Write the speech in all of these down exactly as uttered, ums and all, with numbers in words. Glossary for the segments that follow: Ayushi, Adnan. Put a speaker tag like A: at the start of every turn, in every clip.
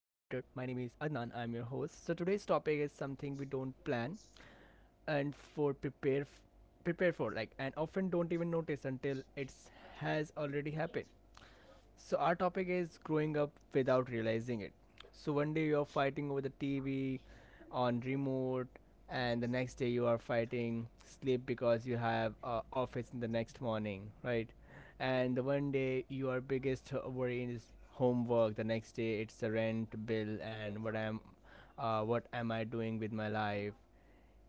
A: My name is Adnan, I'm your host. So today's topic is something we don't plan and for prepare f- prepare for like and often don't even notice until it has already happened. So our topic is growing up without realizing it. So one day you're fighting over the T V on remote and the next day you are fighting sleep because you have uh, office in the next morning, right? And the one day your biggest worry is homework, the next day it's the rent bill and what am uh, what am I doing with my life?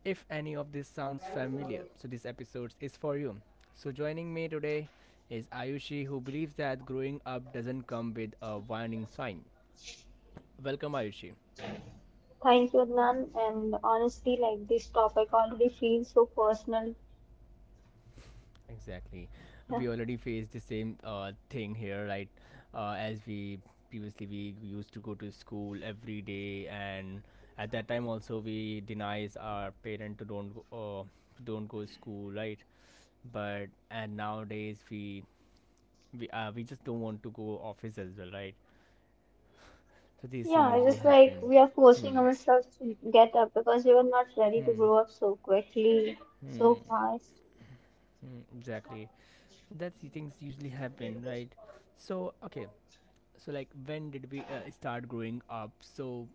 A: If any of this sounds familiar, so this episode is for you. So joining me today is Ayushi, who believes that growing up doesn't come with a warning sign. Welcome, Ayushi.
B: Thank you, Adnan. And honestly, like this topic already feels so personal.
A: Exactly.
B: Yeah,
A: We already faced the same uh, thing here, right? Uh, as we Previously we used to go to school every day, and at that time also we denies our parent to don't go, uh, don't go to school, right? But and nowadays we we uh, we just don't want to go office as well, right? So these things
B: Yeah, it's
A: usually
B: just like
A: happen.
B: we are forcing
A: Hmm.
B: ourselves to get up because we were not ready to
A: Hmm.
B: grow up so quickly, so
A: Hmm.
B: fast.
A: Hmm. Exactly. So that's the things usually happen, right? So okay. So like, when did we uh, start growing up? So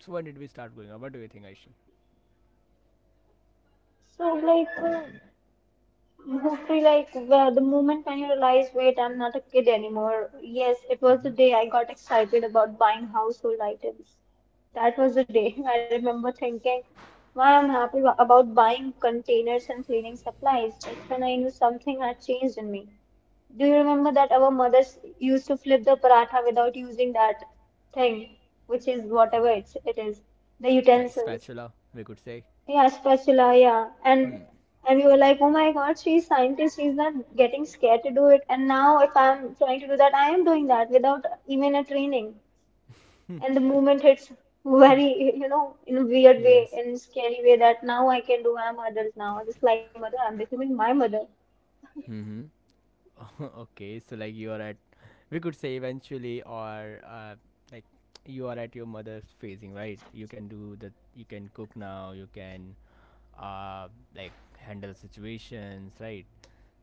A: so when did we start growing up? What do you think, Aishin?
B: So like uh, mostly like well, the moment when you realize, wait, I'm not a kid anymore. Yes, it was the day I got excited about buying household items. That was the day I remember thinking, why I'm happy wa- about buying containers and cleaning supplies. That's when I knew something had changed in me. Do you remember that our mothers used to flip the paratha without using that thing, which is whatever it's, it is, the
A: Like
B: utensils?
A: spatula, we could say.
B: Yeah, spatula, yeah. And
A: Hmm.
B: and we were like, oh my God, she's scientist. She's not getting scared to do it. And now if I'm trying to do that, I am doing that without even a training.
A: Hmm.
B: And the movement hits very, you know, in a weird way,
A: Yes.
B: in a scary way that now I can do. I'm adult now. Just like my mother, I'm becoming my mother.
A: Hmm. okay, so like you are at, we could say eventually, or uh, like you are at your mother's phasing, right? You can do the, you can cook now, you can uh, like handle situations, right?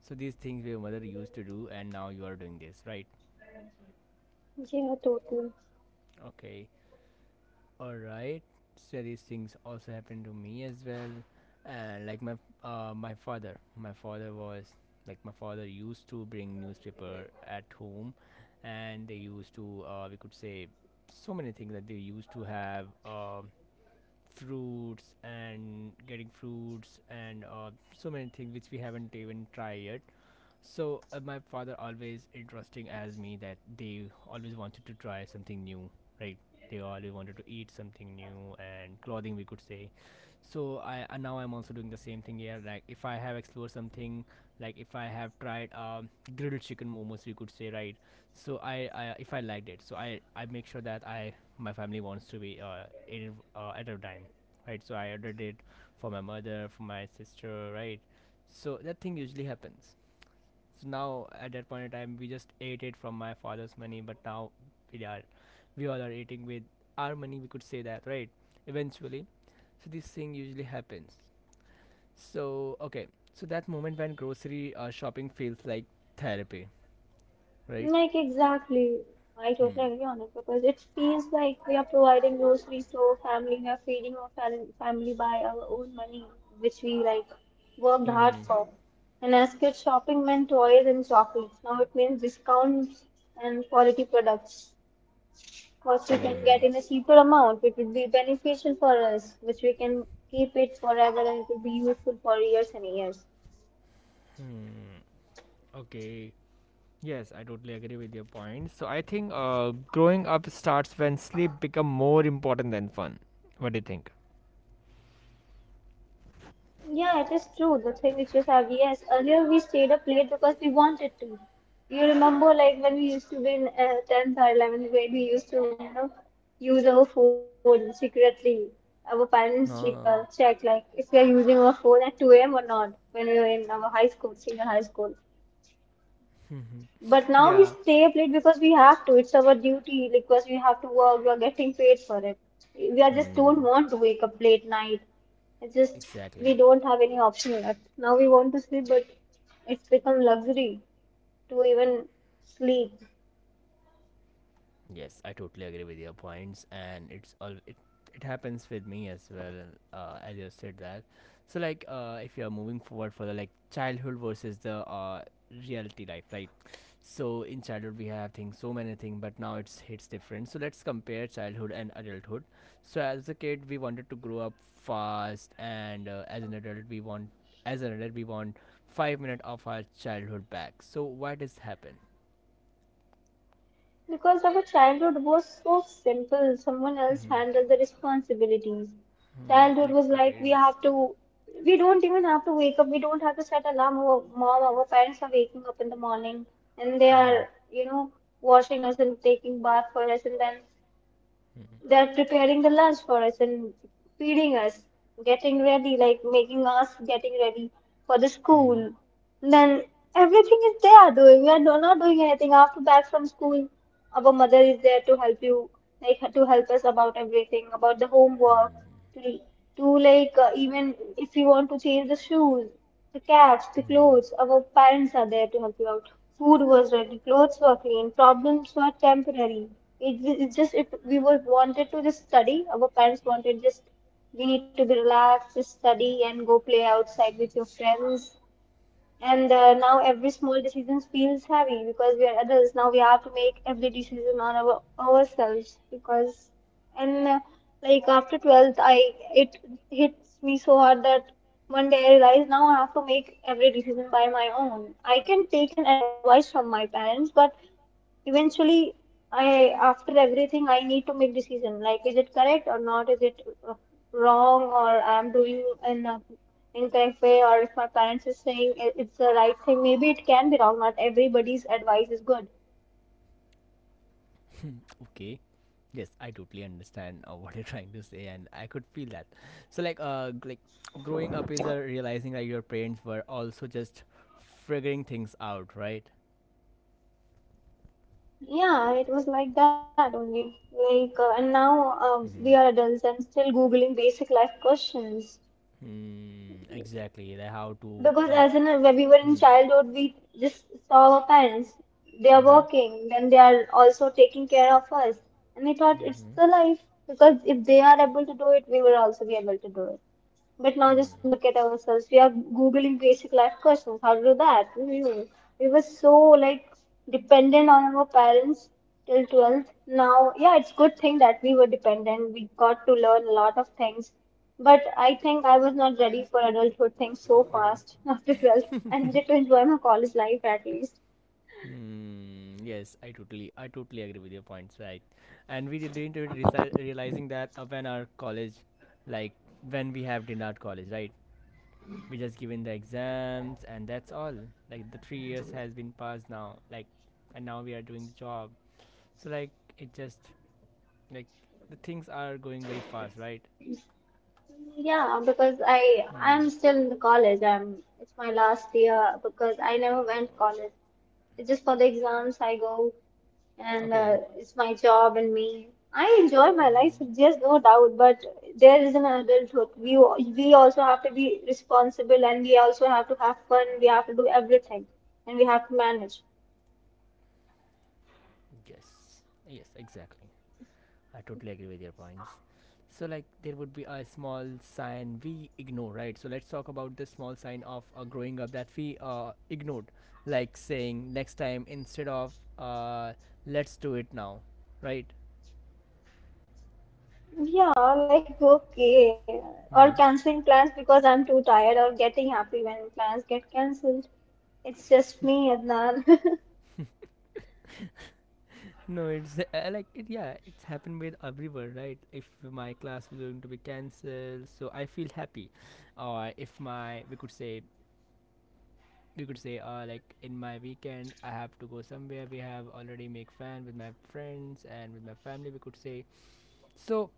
A: So these things your mother used to do, and now you are doing this, right?
B: Yeah, totally.
A: Okay, alright, so these things also happened to me as well. And like my uh, my father, my father was like my father used to bring newspaper at home, and they used to uh, we could say so many things that they used to have uh, fruits and getting fruits and uh, so many things which we haven't even tried yet. So uh, my father always interesting as me that they always wanted to try something new, right? They always wanted to eat something new and clothing we could say. So I and now I'm also doing the same thing here. Like if I have explored something, like if I have tried um, grilled chicken momos, we could say, right? So I, I if I liked it, so I I make sure that I my family wants to be uh, in it uh, at a time, right? So I ordered it for my mother, for my sister, right? So that thing usually happens. So now at that point in time, we just ate it from my father's money, but now we are, we all are eating with our money. We could say that, right? Eventually, so this thing usually happens. So okay, so that moment when grocery uh, shopping feels like therapy, right?
B: Like exactly, I totally
A: Hmm.
B: agree on it because it feels like we are providing groceries to our family, we are feeding our fam- family by our own money, which we like worked
A: Hmm.
B: hard
A: Hmm.
B: for. And as kids, shopping meant toys and chocolates. Now it means discounts and quality products, what we can get
A: Hmm.
B: in a cheaper amount. It would be beneficial for us, which we can keep it forever and it will be useful for years and years.
A: Okay. Yes, I totally agree with your point. So I think uh, growing up starts when sleep become more important than fun. What do you think?
B: Yeah, it is true. The thing which you said, yes, earlier we stayed up late because we wanted to. You remember, like when we used to be in uh, tenth or eleventh grade, we used to, you know, use our phone secretly. Our parents like uh,
A: Ah.
B: check like if we are using our phone at two a m or not when we were in our high school, senior high school. But now we
A: Yeah.
B: stay up late because we have to. It's our duty like, because we have to work. We are getting paid for it. We are just
A: Hmm.
B: don't want to wake up late night. It's just
A: Exactly.
B: we don't have any option left. Now we want to sleep, but it's become luxury to even sleep.
A: Yes, I totally agree with your points, and it's all it, it happens with me as well. Uh, as you said that, so like uh, if you are moving forward for the like childhood versus the uh, reality life, right? So in childhood we have things so many things, but now it's hits different. So let's compare childhood and adulthood. So as a kid we wanted to grow up fast, and uh, as an adult we want as an adult we want five minutes of our childhood back. So why does happen?
B: Because our childhood was so simple, someone else handled the responsibilities.
A: Hmm,
B: Childhood
A: like
B: was
A: our
B: like we
A: parents.
B: have to, we don't even have to wake up, we don't have to set alarm. Our mom, our parents are waking up in the morning and they
A: Mm-hmm.
B: are, you know, washing us and taking bath for us, and then
A: Mm-hmm.
B: they are preparing the lunch for us and feeding us, getting ready, like making us getting ready for the
A: Mm-hmm.
B: school. Then everything is they are doing. We are do- not doing anything after back from school. Our mother is there to help you, like to help us about everything, about the homework, to to like uh, even if you want to change the shoes, the caps, the
A: Hmm.
B: clothes. Our parents are there to help you out. Food was ready, clothes were clean, problems were temporary. It, it's just if we were wanted to just study, our parents wanted just we need to be relaxed, just study and go play outside with your friends and uh, now every small decision feels heavy because we are adults. Now we have to make every decision on our ourselves because and uh, like after twelfth, I it hits me so hard that one day I realize now I have to make every decision by my own. I can take an advice from my parents, but eventually, I after everything I need to make decision like is it correct or not, is it uh, wrong or I'm doing in a incorrect way, or if my parents are saying it- it's the right thing maybe it can be wrong, not everybody's advice is good.
A: Okay. Yes, I totally understand uh, what you're trying to say, and I could feel that. So, like, uh, g- like growing up is uh, realizing that your parents were also just figuring things out, right?
B: Yeah, it was like that only. Like uh, and now um, we are
A: Mm-hmm.
B: adults and still googling basic life questions.
A: Hmm. Exactly. Like how to
B: Because
A: like.
B: as in uh, when we were in
A: Hmm.
B: childhood, we just saw our parents. They are
A: Mm-hmm.
B: working, then they are also taking care of us. And we thought it's
A: Mm-hmm.
B: the life because if they are able to do it, we will also be able to do it. But now
A: Hmm.
B: just look at ourselves. We are Googling basic life questions. How to do that? Hmm. We were so like dependent on our parents till twelfth. Now, yeah, it's good thing that we were dependent. We got to learn a lot of things. But I think I was not ready for adulthood things so fast after twelfth. I needed to enjoy my college life at least.
A: Hmm, yes, I totally, I totally agree with your points, right? And we didn't re- realizing that uh, when our college, like when we have dinner our college, right? We just given the exams and that's all. Like the three years has been passed now, like, and now we are doing the job. So like it just like the things are going very fast, right?
B: Yeah, because I
A: Hmm.
B: I'm still in the college. I'm it's my last year because I never went
A: Uh,
B: college. It's just for the exams I go and uh,
A: okay.
B: it's my job and me. I enjoy my life,
A: Oh
B: there's no doubt, but there is an adulthood. We we also have to be responsible and we also have to have fun. We have to do everything and we have to manage.
A: yes, yes, exactly. I totally agree with your points. So, like, there would be a small sign we ignore, right? So, let's talk about the small sign of uh, growing up that we uh, ignored, like saying next time instead of uh, let's do it now, right?
B: Yeah, like okay. Or
A: Mm-hmm.
B: canceling plans because I'm too tired or getting happy when plans get cancelled. It's just me, Adnan.
A: No, it's uh, like it. Yeah, it's happened with everyone, right? If my class was going to be cancelled, so I feel happy, or if my we could say We could say uh, like in my weekend I have to go somewhere we have already make fan with my friends and with my family we could say so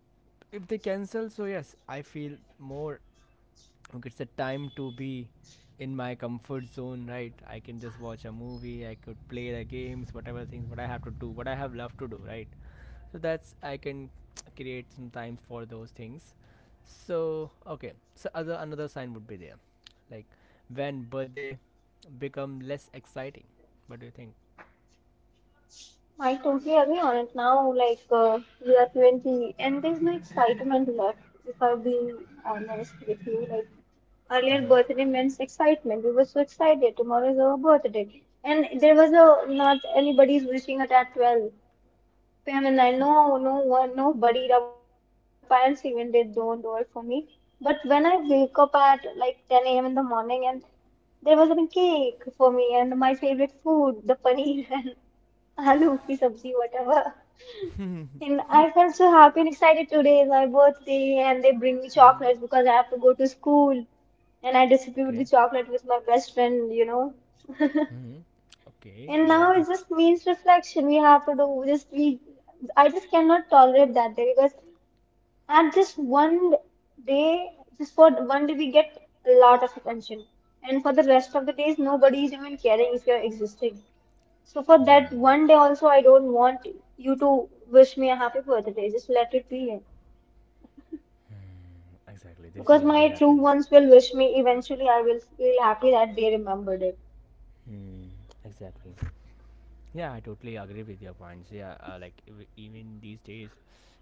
A: if they cancel so yes I feel more okay, it's a time to be in my comfort zone, right, I can just watch a movie I could play the games whatever things what I have to do what I have love to do, right, so that's I can create some times for those things. So okay, so other another sign would be there like when birthday become less exciting. What do you think?
B: I totally agree on it now. Like uh, we are twenty and there's no excitement left, if I'm being honest with you. Like earlier
A: Mm-hmm.
B: birthday meant excitement. We were so excited. Tomorrow is our birthday. And there was a, not anybody's wishing it at twelve. Pam and I know no one, nobody, our parents even they don't do it for me. But when I wake up at like ten a m in the morning and there was a cake for me and my favorite food, the paneer and aloo ki sabzi, whatever. And I felt so happy and excited today is my birthday and they bring me
A: Mm-hmm.
B: chocolates because I have to go to school and I distribute the
A: Okay.
B: chocolate with my best friend, you know.
A: Mm-hmm. Okay,
B: And
A: yeah,
B: now it
A: this.
B: just means reflection. We have to do just we. I just cannot tolerate that day because and just one day, just for one day, we get a lot of attention. And for the rest of the days, nobody is even caring if you're existing. So for that
A: Hmm.
B: one day also, I don't want you to wish me a happy birthday. Just let it be.
A: Hmm. Exactly. This
B: Because
A: usually
B: my true
A: happens.
B: ones will wish me eventually, I will feel happy that they remembered it.
A: Hmm. Exactly. Yeah, I totally agree with your points. Yeah, uh, like ev- even these days,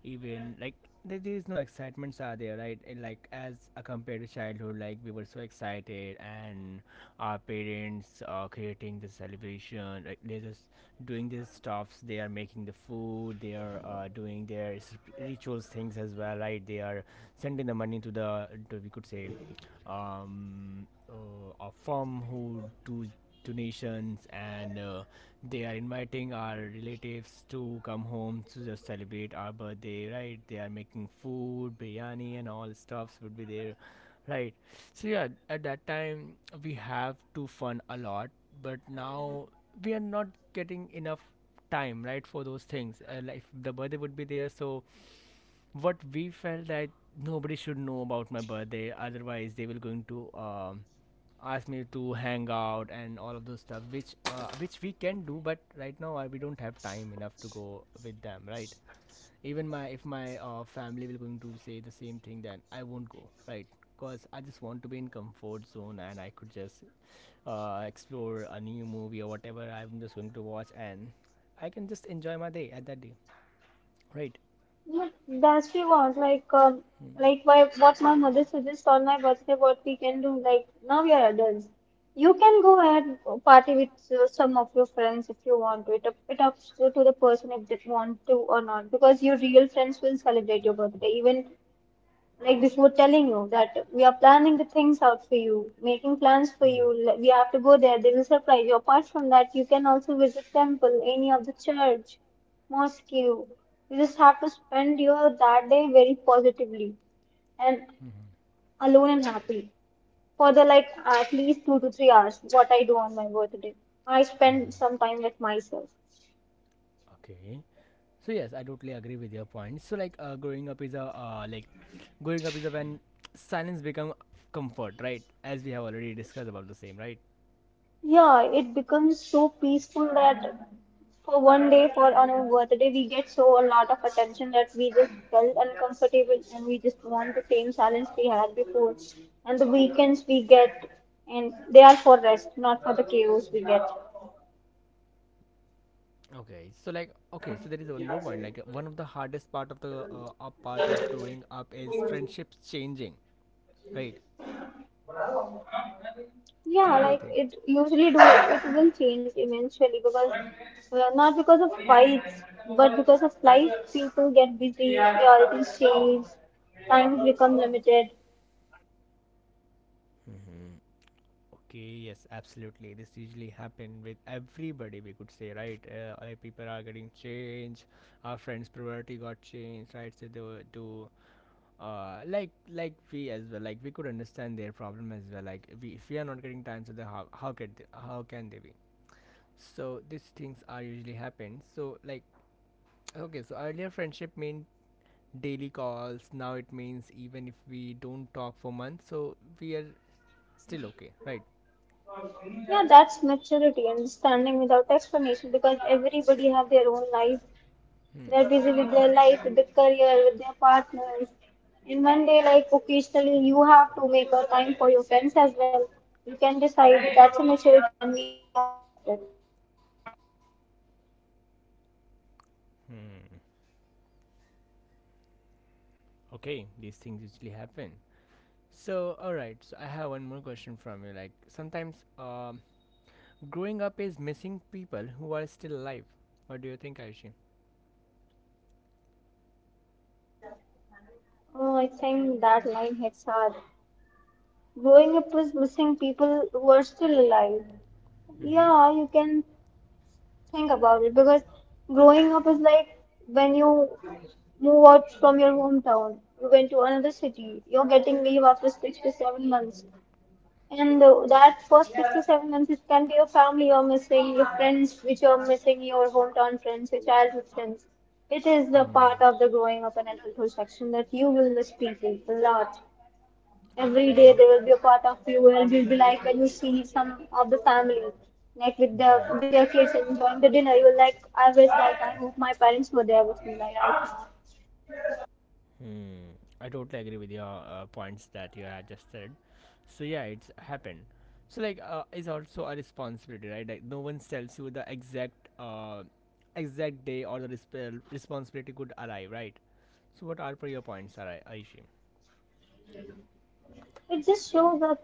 A: even like there, there is no excitements are there, right? And, like as uh, compared to childhood, like we were so excited, and our parents are creating the celebration. Like they're just doing these stuffs. They are making the food. They are uh, doing their s- rituals things as well, right? They are sending the money to the to we could say, um, uh, a firm who do donations and. Uh, they are inviting our relatives to come home to just celebrate our birthday, right? They are making food, biryani, and all stuffs would be there, right? So yeah, at that time we have to fun a lot, but now we are not getting enough time, right, for those things. Uh, like the birthday would be there, so what we felt that nobody should know about my birthday otherwise they will going to um, ask me to hang out and all of those stuff which uh, which we can do but right now I, we don't have time enough to go with them, right, even my if my uh, family will going to say the same thing then I won't go right because I just want to be in comfort zone and I could just uh, explore a new movie or whatever I'm just going to watch and I can just enjoy my day at that day, right.
B: But that's she was like, um, like why, what my mother suggests on my birthday, what we can do. Like now we are adults. You can go and party with uh, some of your friends if you want to. It up, it up to to the person if they want to or not. Because your real friends will celebrate your birthday, even like before telling you that we are planning the things out for you, making plans for you. l- We have to go there. They will surprise you. Apart from that, you can also visit temple, any of the church, mosque. You just have to spend your that day very positively and
A: Mm-hmm.
B: alone and happy for the like at least two to three hours. What I do on my birthday, I spend some time with myself.
A: Okay. So yes, I totally agree with your point. So like uh, growing up is a uh, like growing up is a when silence become comfort, right? As we have already discussed about the same, right?
B: Yeah, it becomes so peaceful that for one day, for on our birthday, we get so a lot of attention that we just felt uncomfortable and we just want the same silence we had before. And the weekends we get, and they are for rest, not for the chaos we get.
A: Okay. So like okay, so there is one more point. Like uh, one of the hardest part of the uh, uh, part of growing up is friendships changing, right? So
B: Yeah,
A: what do you
B: like
A: think?
B: it usually do it will change eventually because well, not because of fights, but because of life, people get busy, priorities change, times become limited.
A: Mm-hmm. Okay, yes, absolutely. This usually happen with everybody, we could say, right? Uh, like people are getting changed. Our friends' priority got changed, right? So they were to, uh, like like we as well. Like we could understand their problem as well. Like we, if we are not getting time, so the how how can they, how can they be? So these things are usually happen. So like, okay, so earlier friendship meant daily calls. Now it means even if we don't talk for months, so we are still okay, right?
B: Yeah, that's maturity, understanding without explanation because everybody have their own life.
A: Hmm.
B: They're busy with their life, with their career, with their partners. And one day, like occasionally, you have to make a time for your friends as well. You can decide that's a maturity and we have to accept it.
A: Hmm. Okay, these things usually happen. So, alright, so I have one more question from you. Like, sometimes um, growing up is missing people who are still alive. What do you think, Aishi?
B: Oh, I think that line hits hard. Growing up is missing people who are still alive.
A: Mm-hmm.
B: Yeah, you can think about it because growing up is like when you move out from your hometown, you went to another city, you're getting leave after six to seven months. And uh, that first six to seven months, it can be your family you're missing, your friends which you're missing, your hometown friends, your childhood friends. It is the
A: Hmm.
B: part of the growing up and adulthood section that you will miss people a lot. Every day
A: Okay.
B: they will be a part of you, and you'll be like when you see some of the family, like with the
A: Mm-hmm.
B: with their kids enjoying the dinner, you will like I wish like I hope my parents were there with me like I.
A: Hmm. I totally agree with your uh, points that you had just said. So yeah, it's happened. So like, uh, is also a responsibility, right? Like, no one tells you the exact, uh, exact day or the resp- responsibility could arrive, right? So what are your points, Ari- Aishi?
B: It just shows that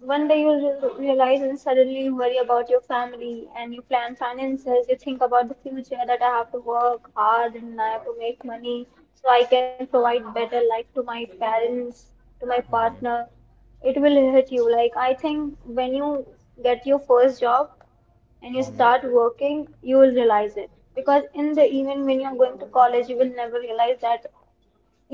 B: one day you'll re- realize and suddenly you worry about your family and you plan finances, you think about the future that I have to work hard and I have to make money so I can provide better life to my parents, to my
A: Mm-hmm.
B: partner. It will hit you. Like I think when you get your first job and you
A: Mm-hmm.
B: start working, you will realize it. Because in the even when you're going to college, you will never realize that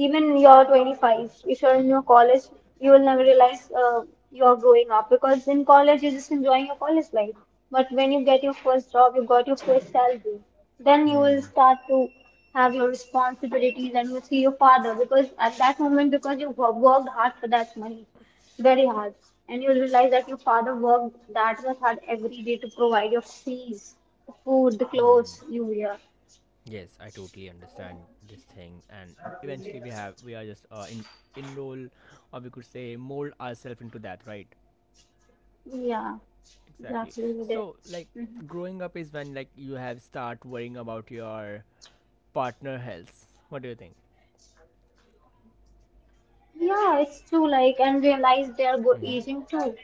B: even you're twenty-five if you're in your college, you will never realize uh, you're growing up because in college you're just enjoying your college life. But when you get your first job, you got your first salary, then you will
A: Hmm.
B: start to have your responsibilities. And you will see your father because at that moment, because you wo- worked hard for that money, very hard, and you'll realize that your father worked that much hard every day to provide your fees, the food, the clothes
A: Hmm.
B: you wear.
A: Yes, I totally understand this thing, and eventually we have we are just uh, in enroll, or we could say mold ourselves into that, right?
B: Yeah,
A: Exactly.
B: exactly, you did.
A: So, like,
B: Mm-hmm.
A: growing up is when like you have start worrying about your partner health. What do you think?
B: Yeah, it's true, like, and realize they are go-
A: Mm-hmm.
B: aging too.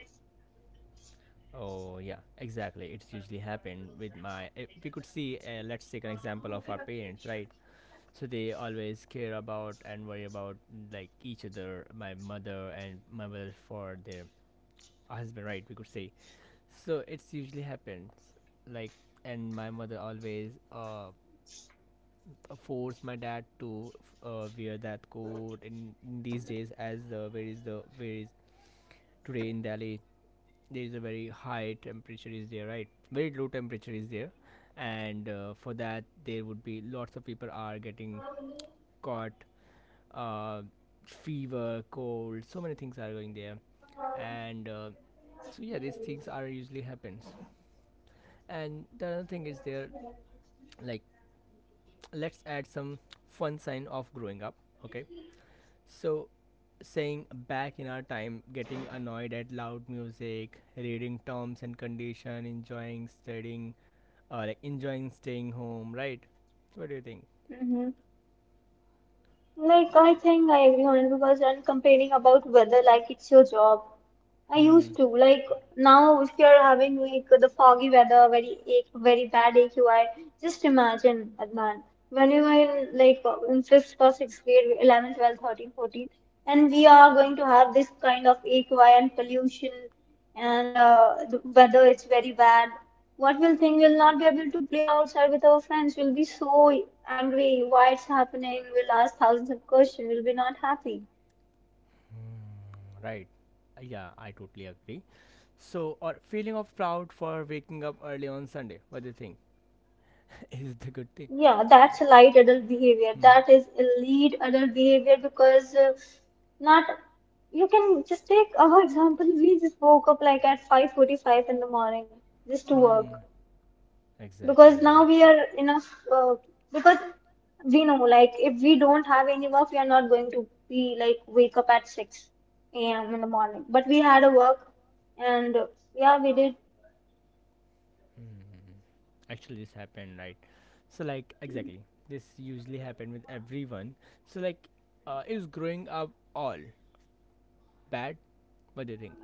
A: Oh yeah, exactly. It's usually happened with my. If we could see, uh, let's take an example of our parents, right? So they always care about and worry about like each other. My mother and my mother for their husband, right? We could say. So it's usually happens, like, and my mother always uh force my dad to uh, wear that coat in, in these days as the where is the where is today in Delhi. There is a very high temperature is there, right? Very low temperature is there, and uh, for that there would be lots of people are getting caught, uh, fever, cold, so many things are going there, and uh, so yeah, these things are usually happens. And the other thing is there, like, let's add some fun sign of growing up. Okay. So, saying back in our time, getting annoyed at loud music, reading terms and condition, enjoying studying, uh, like enjoying staying home, right? What do you think?
B: Mm-hmm. Like, I think I agree on it because I'm complaining about weather like it's your job. I
A: Hmm.
B: used to like now if you're having like the foggy weather, very ache, very bad A Q I, just imagine, Adnan, when you were in like uh, in fifth or sixth grade, eleven, twelve, thirteen, fourteen, and we are going to have this kind of A Q I and pollution, and uh, the weather is very bad. What we'll think, we'll not be able to play outside with our friends. We'll be so angry. Why it's happening? We'll ask thousands of questions. We'll be not happy.
A: Right. Uh, Yeah, I totally agree. So, or feeling of proud for waking up early on Sunday. What do you think? Is the good thing?
B: Yeah, that's light adult behavior.
A: Hmm.
B: That is elite adult behavior because uh, not, you can just take our example. We just woke up like at five forty-five in the morning, just to
A: Hmm.
B: work,
A: Exactly.
B: because
A: Exactly.
B: now we are enough uh, because we know like if we don't have any work, we are not going to be like wake up at six a m in the morning. But we had a work, and uh, yeah, we did.
A: Hmm. Actually, this happened, right? So, like, exactly. This usually happened with everyone. So, like, uh, is growing up all bad? What do you think?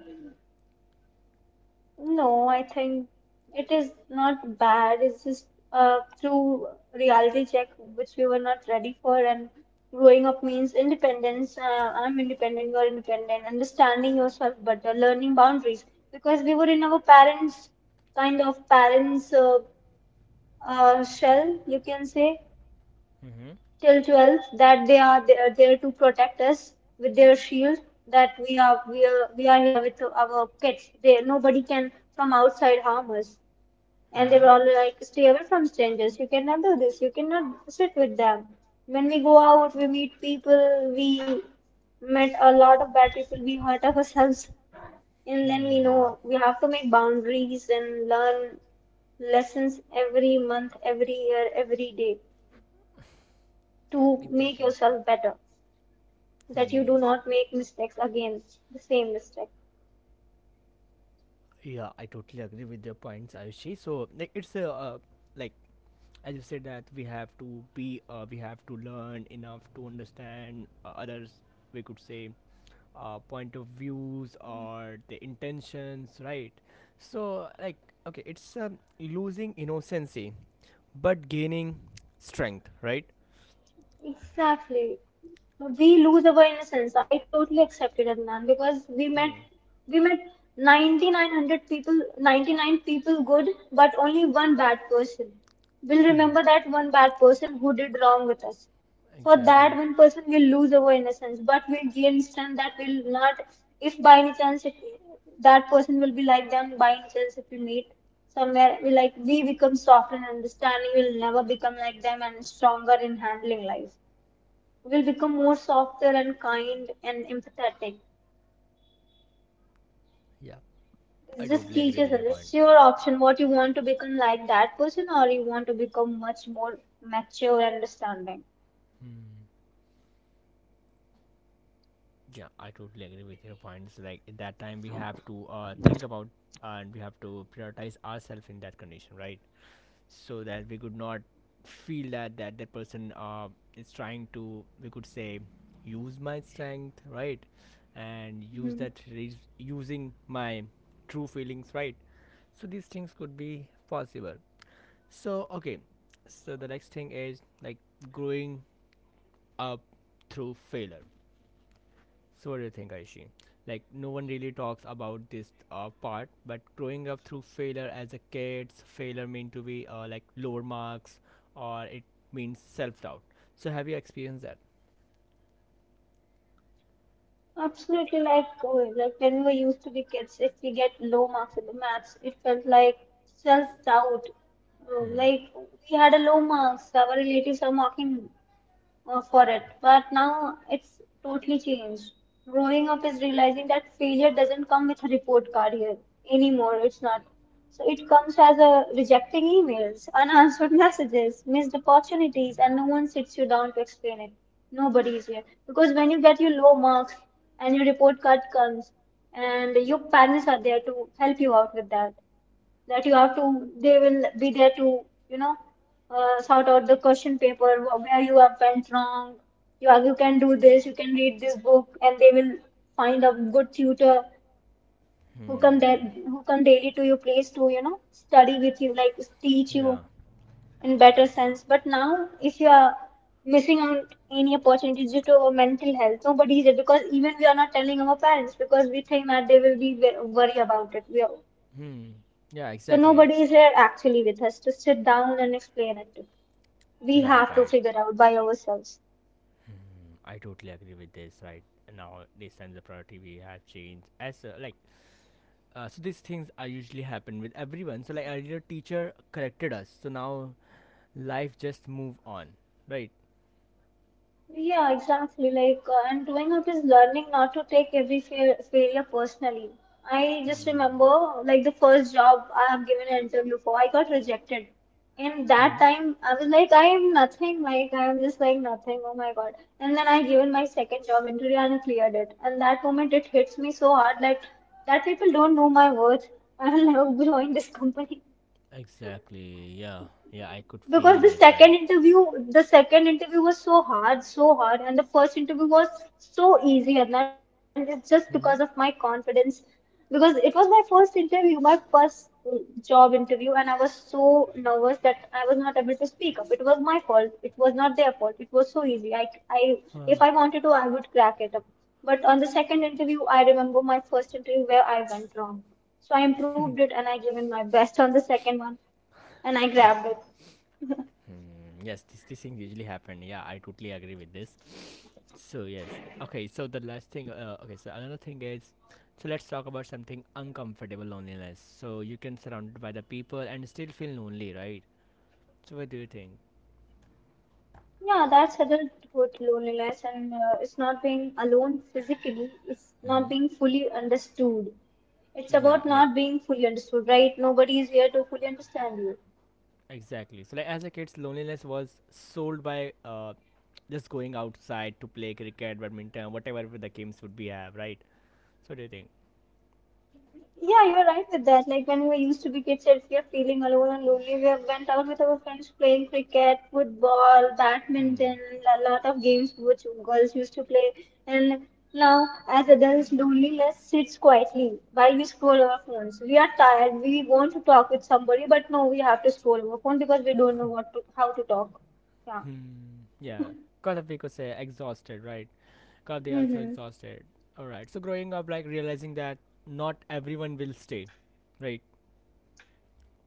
B: No, I think it is not bad. It's just a true reality check which we were not ready for. And growing up means independence. Uh, I'm independent, you're independent, understanding yourself better, learning boundaries. Because we were in our parents' kind of parents' uh, uh, shell, you can say,
A: Mm-hmm.
B: till twelve, that they are they are there to protect us with their shield, that we are we are we are here with our pets, they, nobody can from outside harm us. And they
A: Mm-hmm.
B: were all like stay away from strangers, you cannot do this, you cannot sit with them. When we go out, we meet people, we met a lot of bad people, we hurt ourselves, and then we
A: Hmm.
B: know we have to make boundaries and learn lessons every month, every year, every day, to make
A: Exactly.
B: yourself better, that you do
A: Hmm.
B: not make mistakes again, the same mistake.
A: Yeah, I totally agree with your points, Ayushi. So, like, it's a uh, like as you said that we have to be, uh, we have to learn enough to understand uh, others. We could say uh, point of views or the intentions, right? So like, okay, it's um, losing innocency but gaining strength, right?
B: Exactly. We lose our innocence. I totally accept it, Adnan, because we met
A: Hmm.
B: we met ninety-nine hundred people, ninety-nine people good, but only one bad person. We'll remember that one bad person who did wrong with us. For that
A: Exactly.
B: one person, will lose our innocence but will gain strength, that will not, if by any chance it, that person will be like them, by any chance if we meet somewhere, we like we become soft and understanding. We will never become like them, and stronger in handling life, we'll become more softer and kind and empathetic.
A: Yeah, I
B: It just
A: totally agree
B: teaches
A: with
B: us,
A: your point.
B: it's your option, what you want to become, like that person, or you want to become much more mature and understanding.
A: Hmm. Yeah, I totally agree with your points, like at that time we have to uh, think about and we have to prioritize ourselves in that condition, right? So that we could not feel that that that person uh, is trying to, we could say, use my strength, right? And use that re- using my true feelings, right? So these things could be possible. So okay, so the next thing is like growing up through failure. So what do you think, Aishi? Like no one really talks about this uh, part, but growing up through failure as a kid, failure mean to be uh, like lower marks, or it means self doubt. So have you experienced that?
B: Absolutely, like uh, like when we were used to be kids, if we get low marks in the maths, it felt like self doubt.
A: Hmm.
B: Like we had a low marks, our relatives are mocking uh, for it. But now it's totally changed. Growing up is realizing that failure doesn't come with a report card here anymore. It's not. So it comes as a rejecting emails, unanswered messages, missed opportunities, and no one sits you down to explain it. Nobody is here. Because when you get your low marks and your report card comes, and your parents are there to help you out with that, that you have to, they will be there to, you know, uh, sort out the question paper, wh- where you have went wrong. You are, you can do this, you can read this book, and they will find a good tutor who come
A: Hmm.
B: that who come daily to your place to, you know, study with you, like teach you
A: Yeah.
B: in better sense. But now, if you are missing out any opportunities due to our mental health, nobody is there because even we are not telling our parents because we think that they will be wor- worry about it. We are,
A: Hmm. Yeah.
B: so
A: Exactly.
B: nobody is here actually with us to sit down and explain it to. We
A: Right,
B: have to
A: right.
B: figure out by ourselves.
A: I totally agree with this. Right now, this time the priority we have changed. As uh, like, uh, so these things are usually happen with everyone. So like earlier, teacher corrected us. So now life just move on. Right.
B: Yeah, exactly. Like, uh, and growing up is learning not to take every fail failure personally. I just
A: Hmm.
B: remember, like, the first job I have given an interview for, I got rejected. And that
A: Hmm.
B: time, I was like, I am nothing. Like, I am just like nothing. Oh my God. And then I given my second job interview and I cleared it. And that moment, it hits me so hard, like, that people don't know my worth. I will never join this company.
A: Exactly. Yeah. Yeah. I could
B: Because
A: feel
B: the
A: it.
B: second
A: Right.
B: interview, the second interview was so hard, so hard, and the first interview was so easy, and then it's just because of my
A: Mm-hmm.
B: confidence. Because it was my first interview, my first uh, job interview, and I was so nervous that I was not able to speak up. It was my fault. It was not their fault. It was so easy. I, I, if
A: Uh,
B: I wanted to, I would crack it up. But on the second interview, I remember my first interview where I went wrong. So I improved it and I given my best on the second one, and I grabbed it.
A: hmm. Yes. These these things usually happen. Yeah. I totally agree with this. So yes. Okay. So the last thing. Uh, okay. So another thing is. So let's talk about something uncomfortable loneliness. So you can surrounded by the people and still feel lonely, right? So what do you think?
B: Yeah, that's adulthood loneliness, and uh, it's not being alone physically, it's not
A: Mm-hmm.
B: being fully understood. It's
A: Yeah.
B: about
A: Like,
B: not being fully understood, right? Nobody is here to fully understand you.
A: exactly. So like as a kid's loneliness was sold by uh, just going outside to play cricket, badminton, whatever the games would be have, right? So what do you think?
B: Yeah, you're right with that. Like when we used to be kids, if we are feeling alone and lonely, we have went out with our friends playing cricket, football,
A: Hmm.
B: badminton, a lot of games which girls used to play. And now, as adults, loneliness sits quietly while we scroll our phones. We are tired. We want to talk with somebody, but no, we have to scroll our phone because we don't know what to how to talk. Yeah.
A: Hmm. Yeah. Cause of people say exhausted, right? Cause they are so
B: Mm-hmm.
A: exhausted. Alright. So growing up like realizing that not everyone will stay. Right.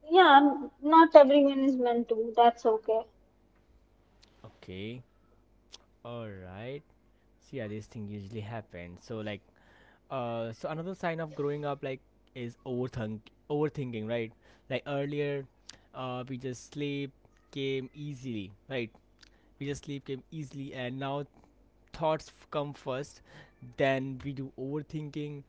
B: Yeah, not everyone is meant to. That's okay.
A: Okay. Alright. So yeah, this thing usually happens. So like, Uh, so another sign of growing up like is overthink overthinking, right? Like earlier, uh, we just sleep came easily, right? We just sleep came easily, and now thoughts f- come first. Then we do overthinking.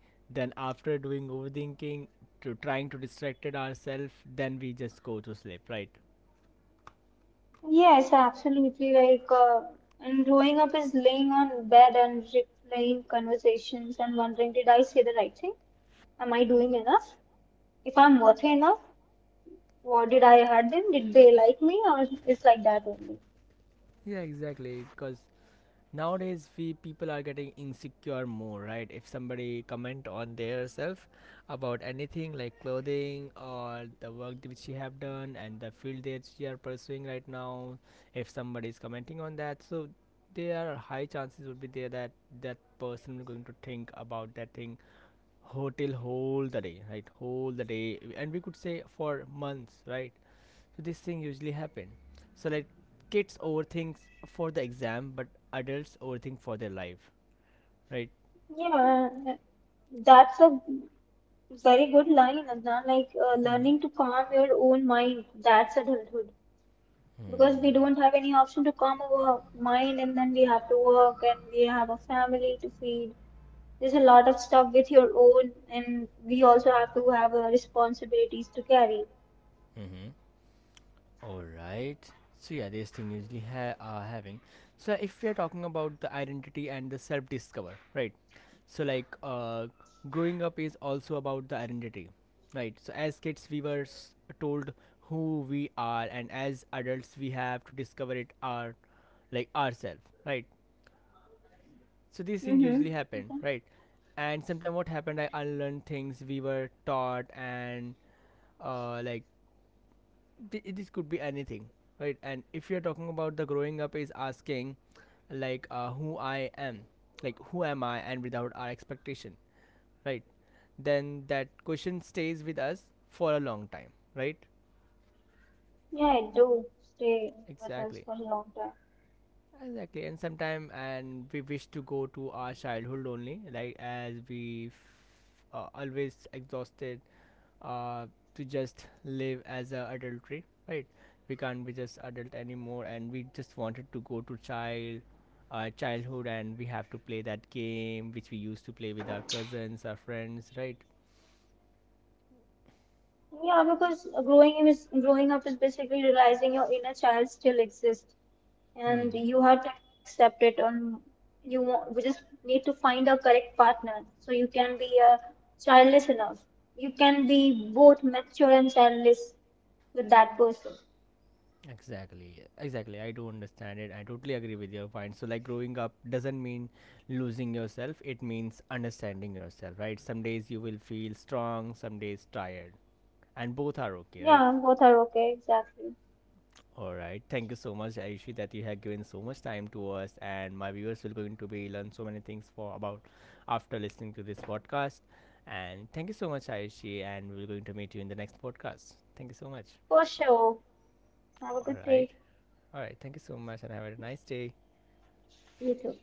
A: Then after doing overthinking, to trying to distract ourselves, then we just go to sleep, right?
B: Yes, absolutely. Like, uh, and growing up is laying on bed and replaying conversations and wondering, did I say the right thing? Am I doing enough? If I'm worthy enough, what did I hurt them? Did they like me? Or it's like that only.
A: Yeah, exactly. Because nowadays we people are getting insecure more, right? If somebody comment on their self about anything like clothing or the work which she have done and the field that she are pursuing right now, if somebody is commenting on that, so there are high chances would be there that that person going to think about that thing hotel whole the day, right? Whole the day, and we could say for months, right? So this thing usually happen. So like kids overthink for the exam, but adults overthink for their life, right?
B: Yeah, that's a very good line, Adnan. Like uh,
A: Mm-hmm.
B: learning to calm your own mind, that's adulthood. Because we
A: Mm-hmm.
B: don't have any option to calm our mind, and then we have to work and we have a family to feed. There's a lot of stuff with your own, and we also have to have uh, responsibilities to carry.
A: Mm-hmm. All right. So yeah, this thing usually ha- are having. So yeah, if we are talking about the identity and the self-discover, right? So like uh, growing up is also about the identity, right? So as kids, we were s- told who we are, and as adults, we have to discover it our like ourselves, right? So these things
B: Mm-hmm.
A: usually happen,
B: Okay.
A: right? And sometimes what happened, I unlearned things we were taught, and uh, like, th- this could be anything, right? And if you're talking about the growing up is asking like, uh, who I am, like who am I, and without our expectation, right? Then that question stays with us for a long time, right?
B: Yeah, I do stay with us
A: Exactly,
B: for a long time.
A: exactly. And sometime and we wish to go to our childhood only, like as we f- uh, always exhausted, uh, to just live as a adultery, right? We can't be just adult anymore, and we just wanted to go to child, uh, childhood, and we have to play that game which we used to play with our cousins, our friends, right?
B: Yeah, because growing is growing up is basically realizing your inner child still exists, and
A: Hmm.
B: you have to accept it. On you, wa- we just need to find a correct partner so you can be a childless enough. You can be both mature and childless with that person.
A: Exactly, exactly. I do understand it. I totally agree with your point. So like growing up doesn't mean losing yourself, it means understanding yourself, right? Some days you will feel strong, some days tired, and both are okay, right?
B: Yeah, both are okay, exactly.
A: All right. Thank you so much, Aishi, that you have given so much time to us, and my viewers will going to be learn so many things for about after listening to this podcast. And thank you so much, Aishi, and we're going to meet you in the next podcast. Thank you so much.
B: For sure. Have a
A: All
B: good
A: right.
B: day.
A: All right. Thank you so much, and have a nice day.
B: You too.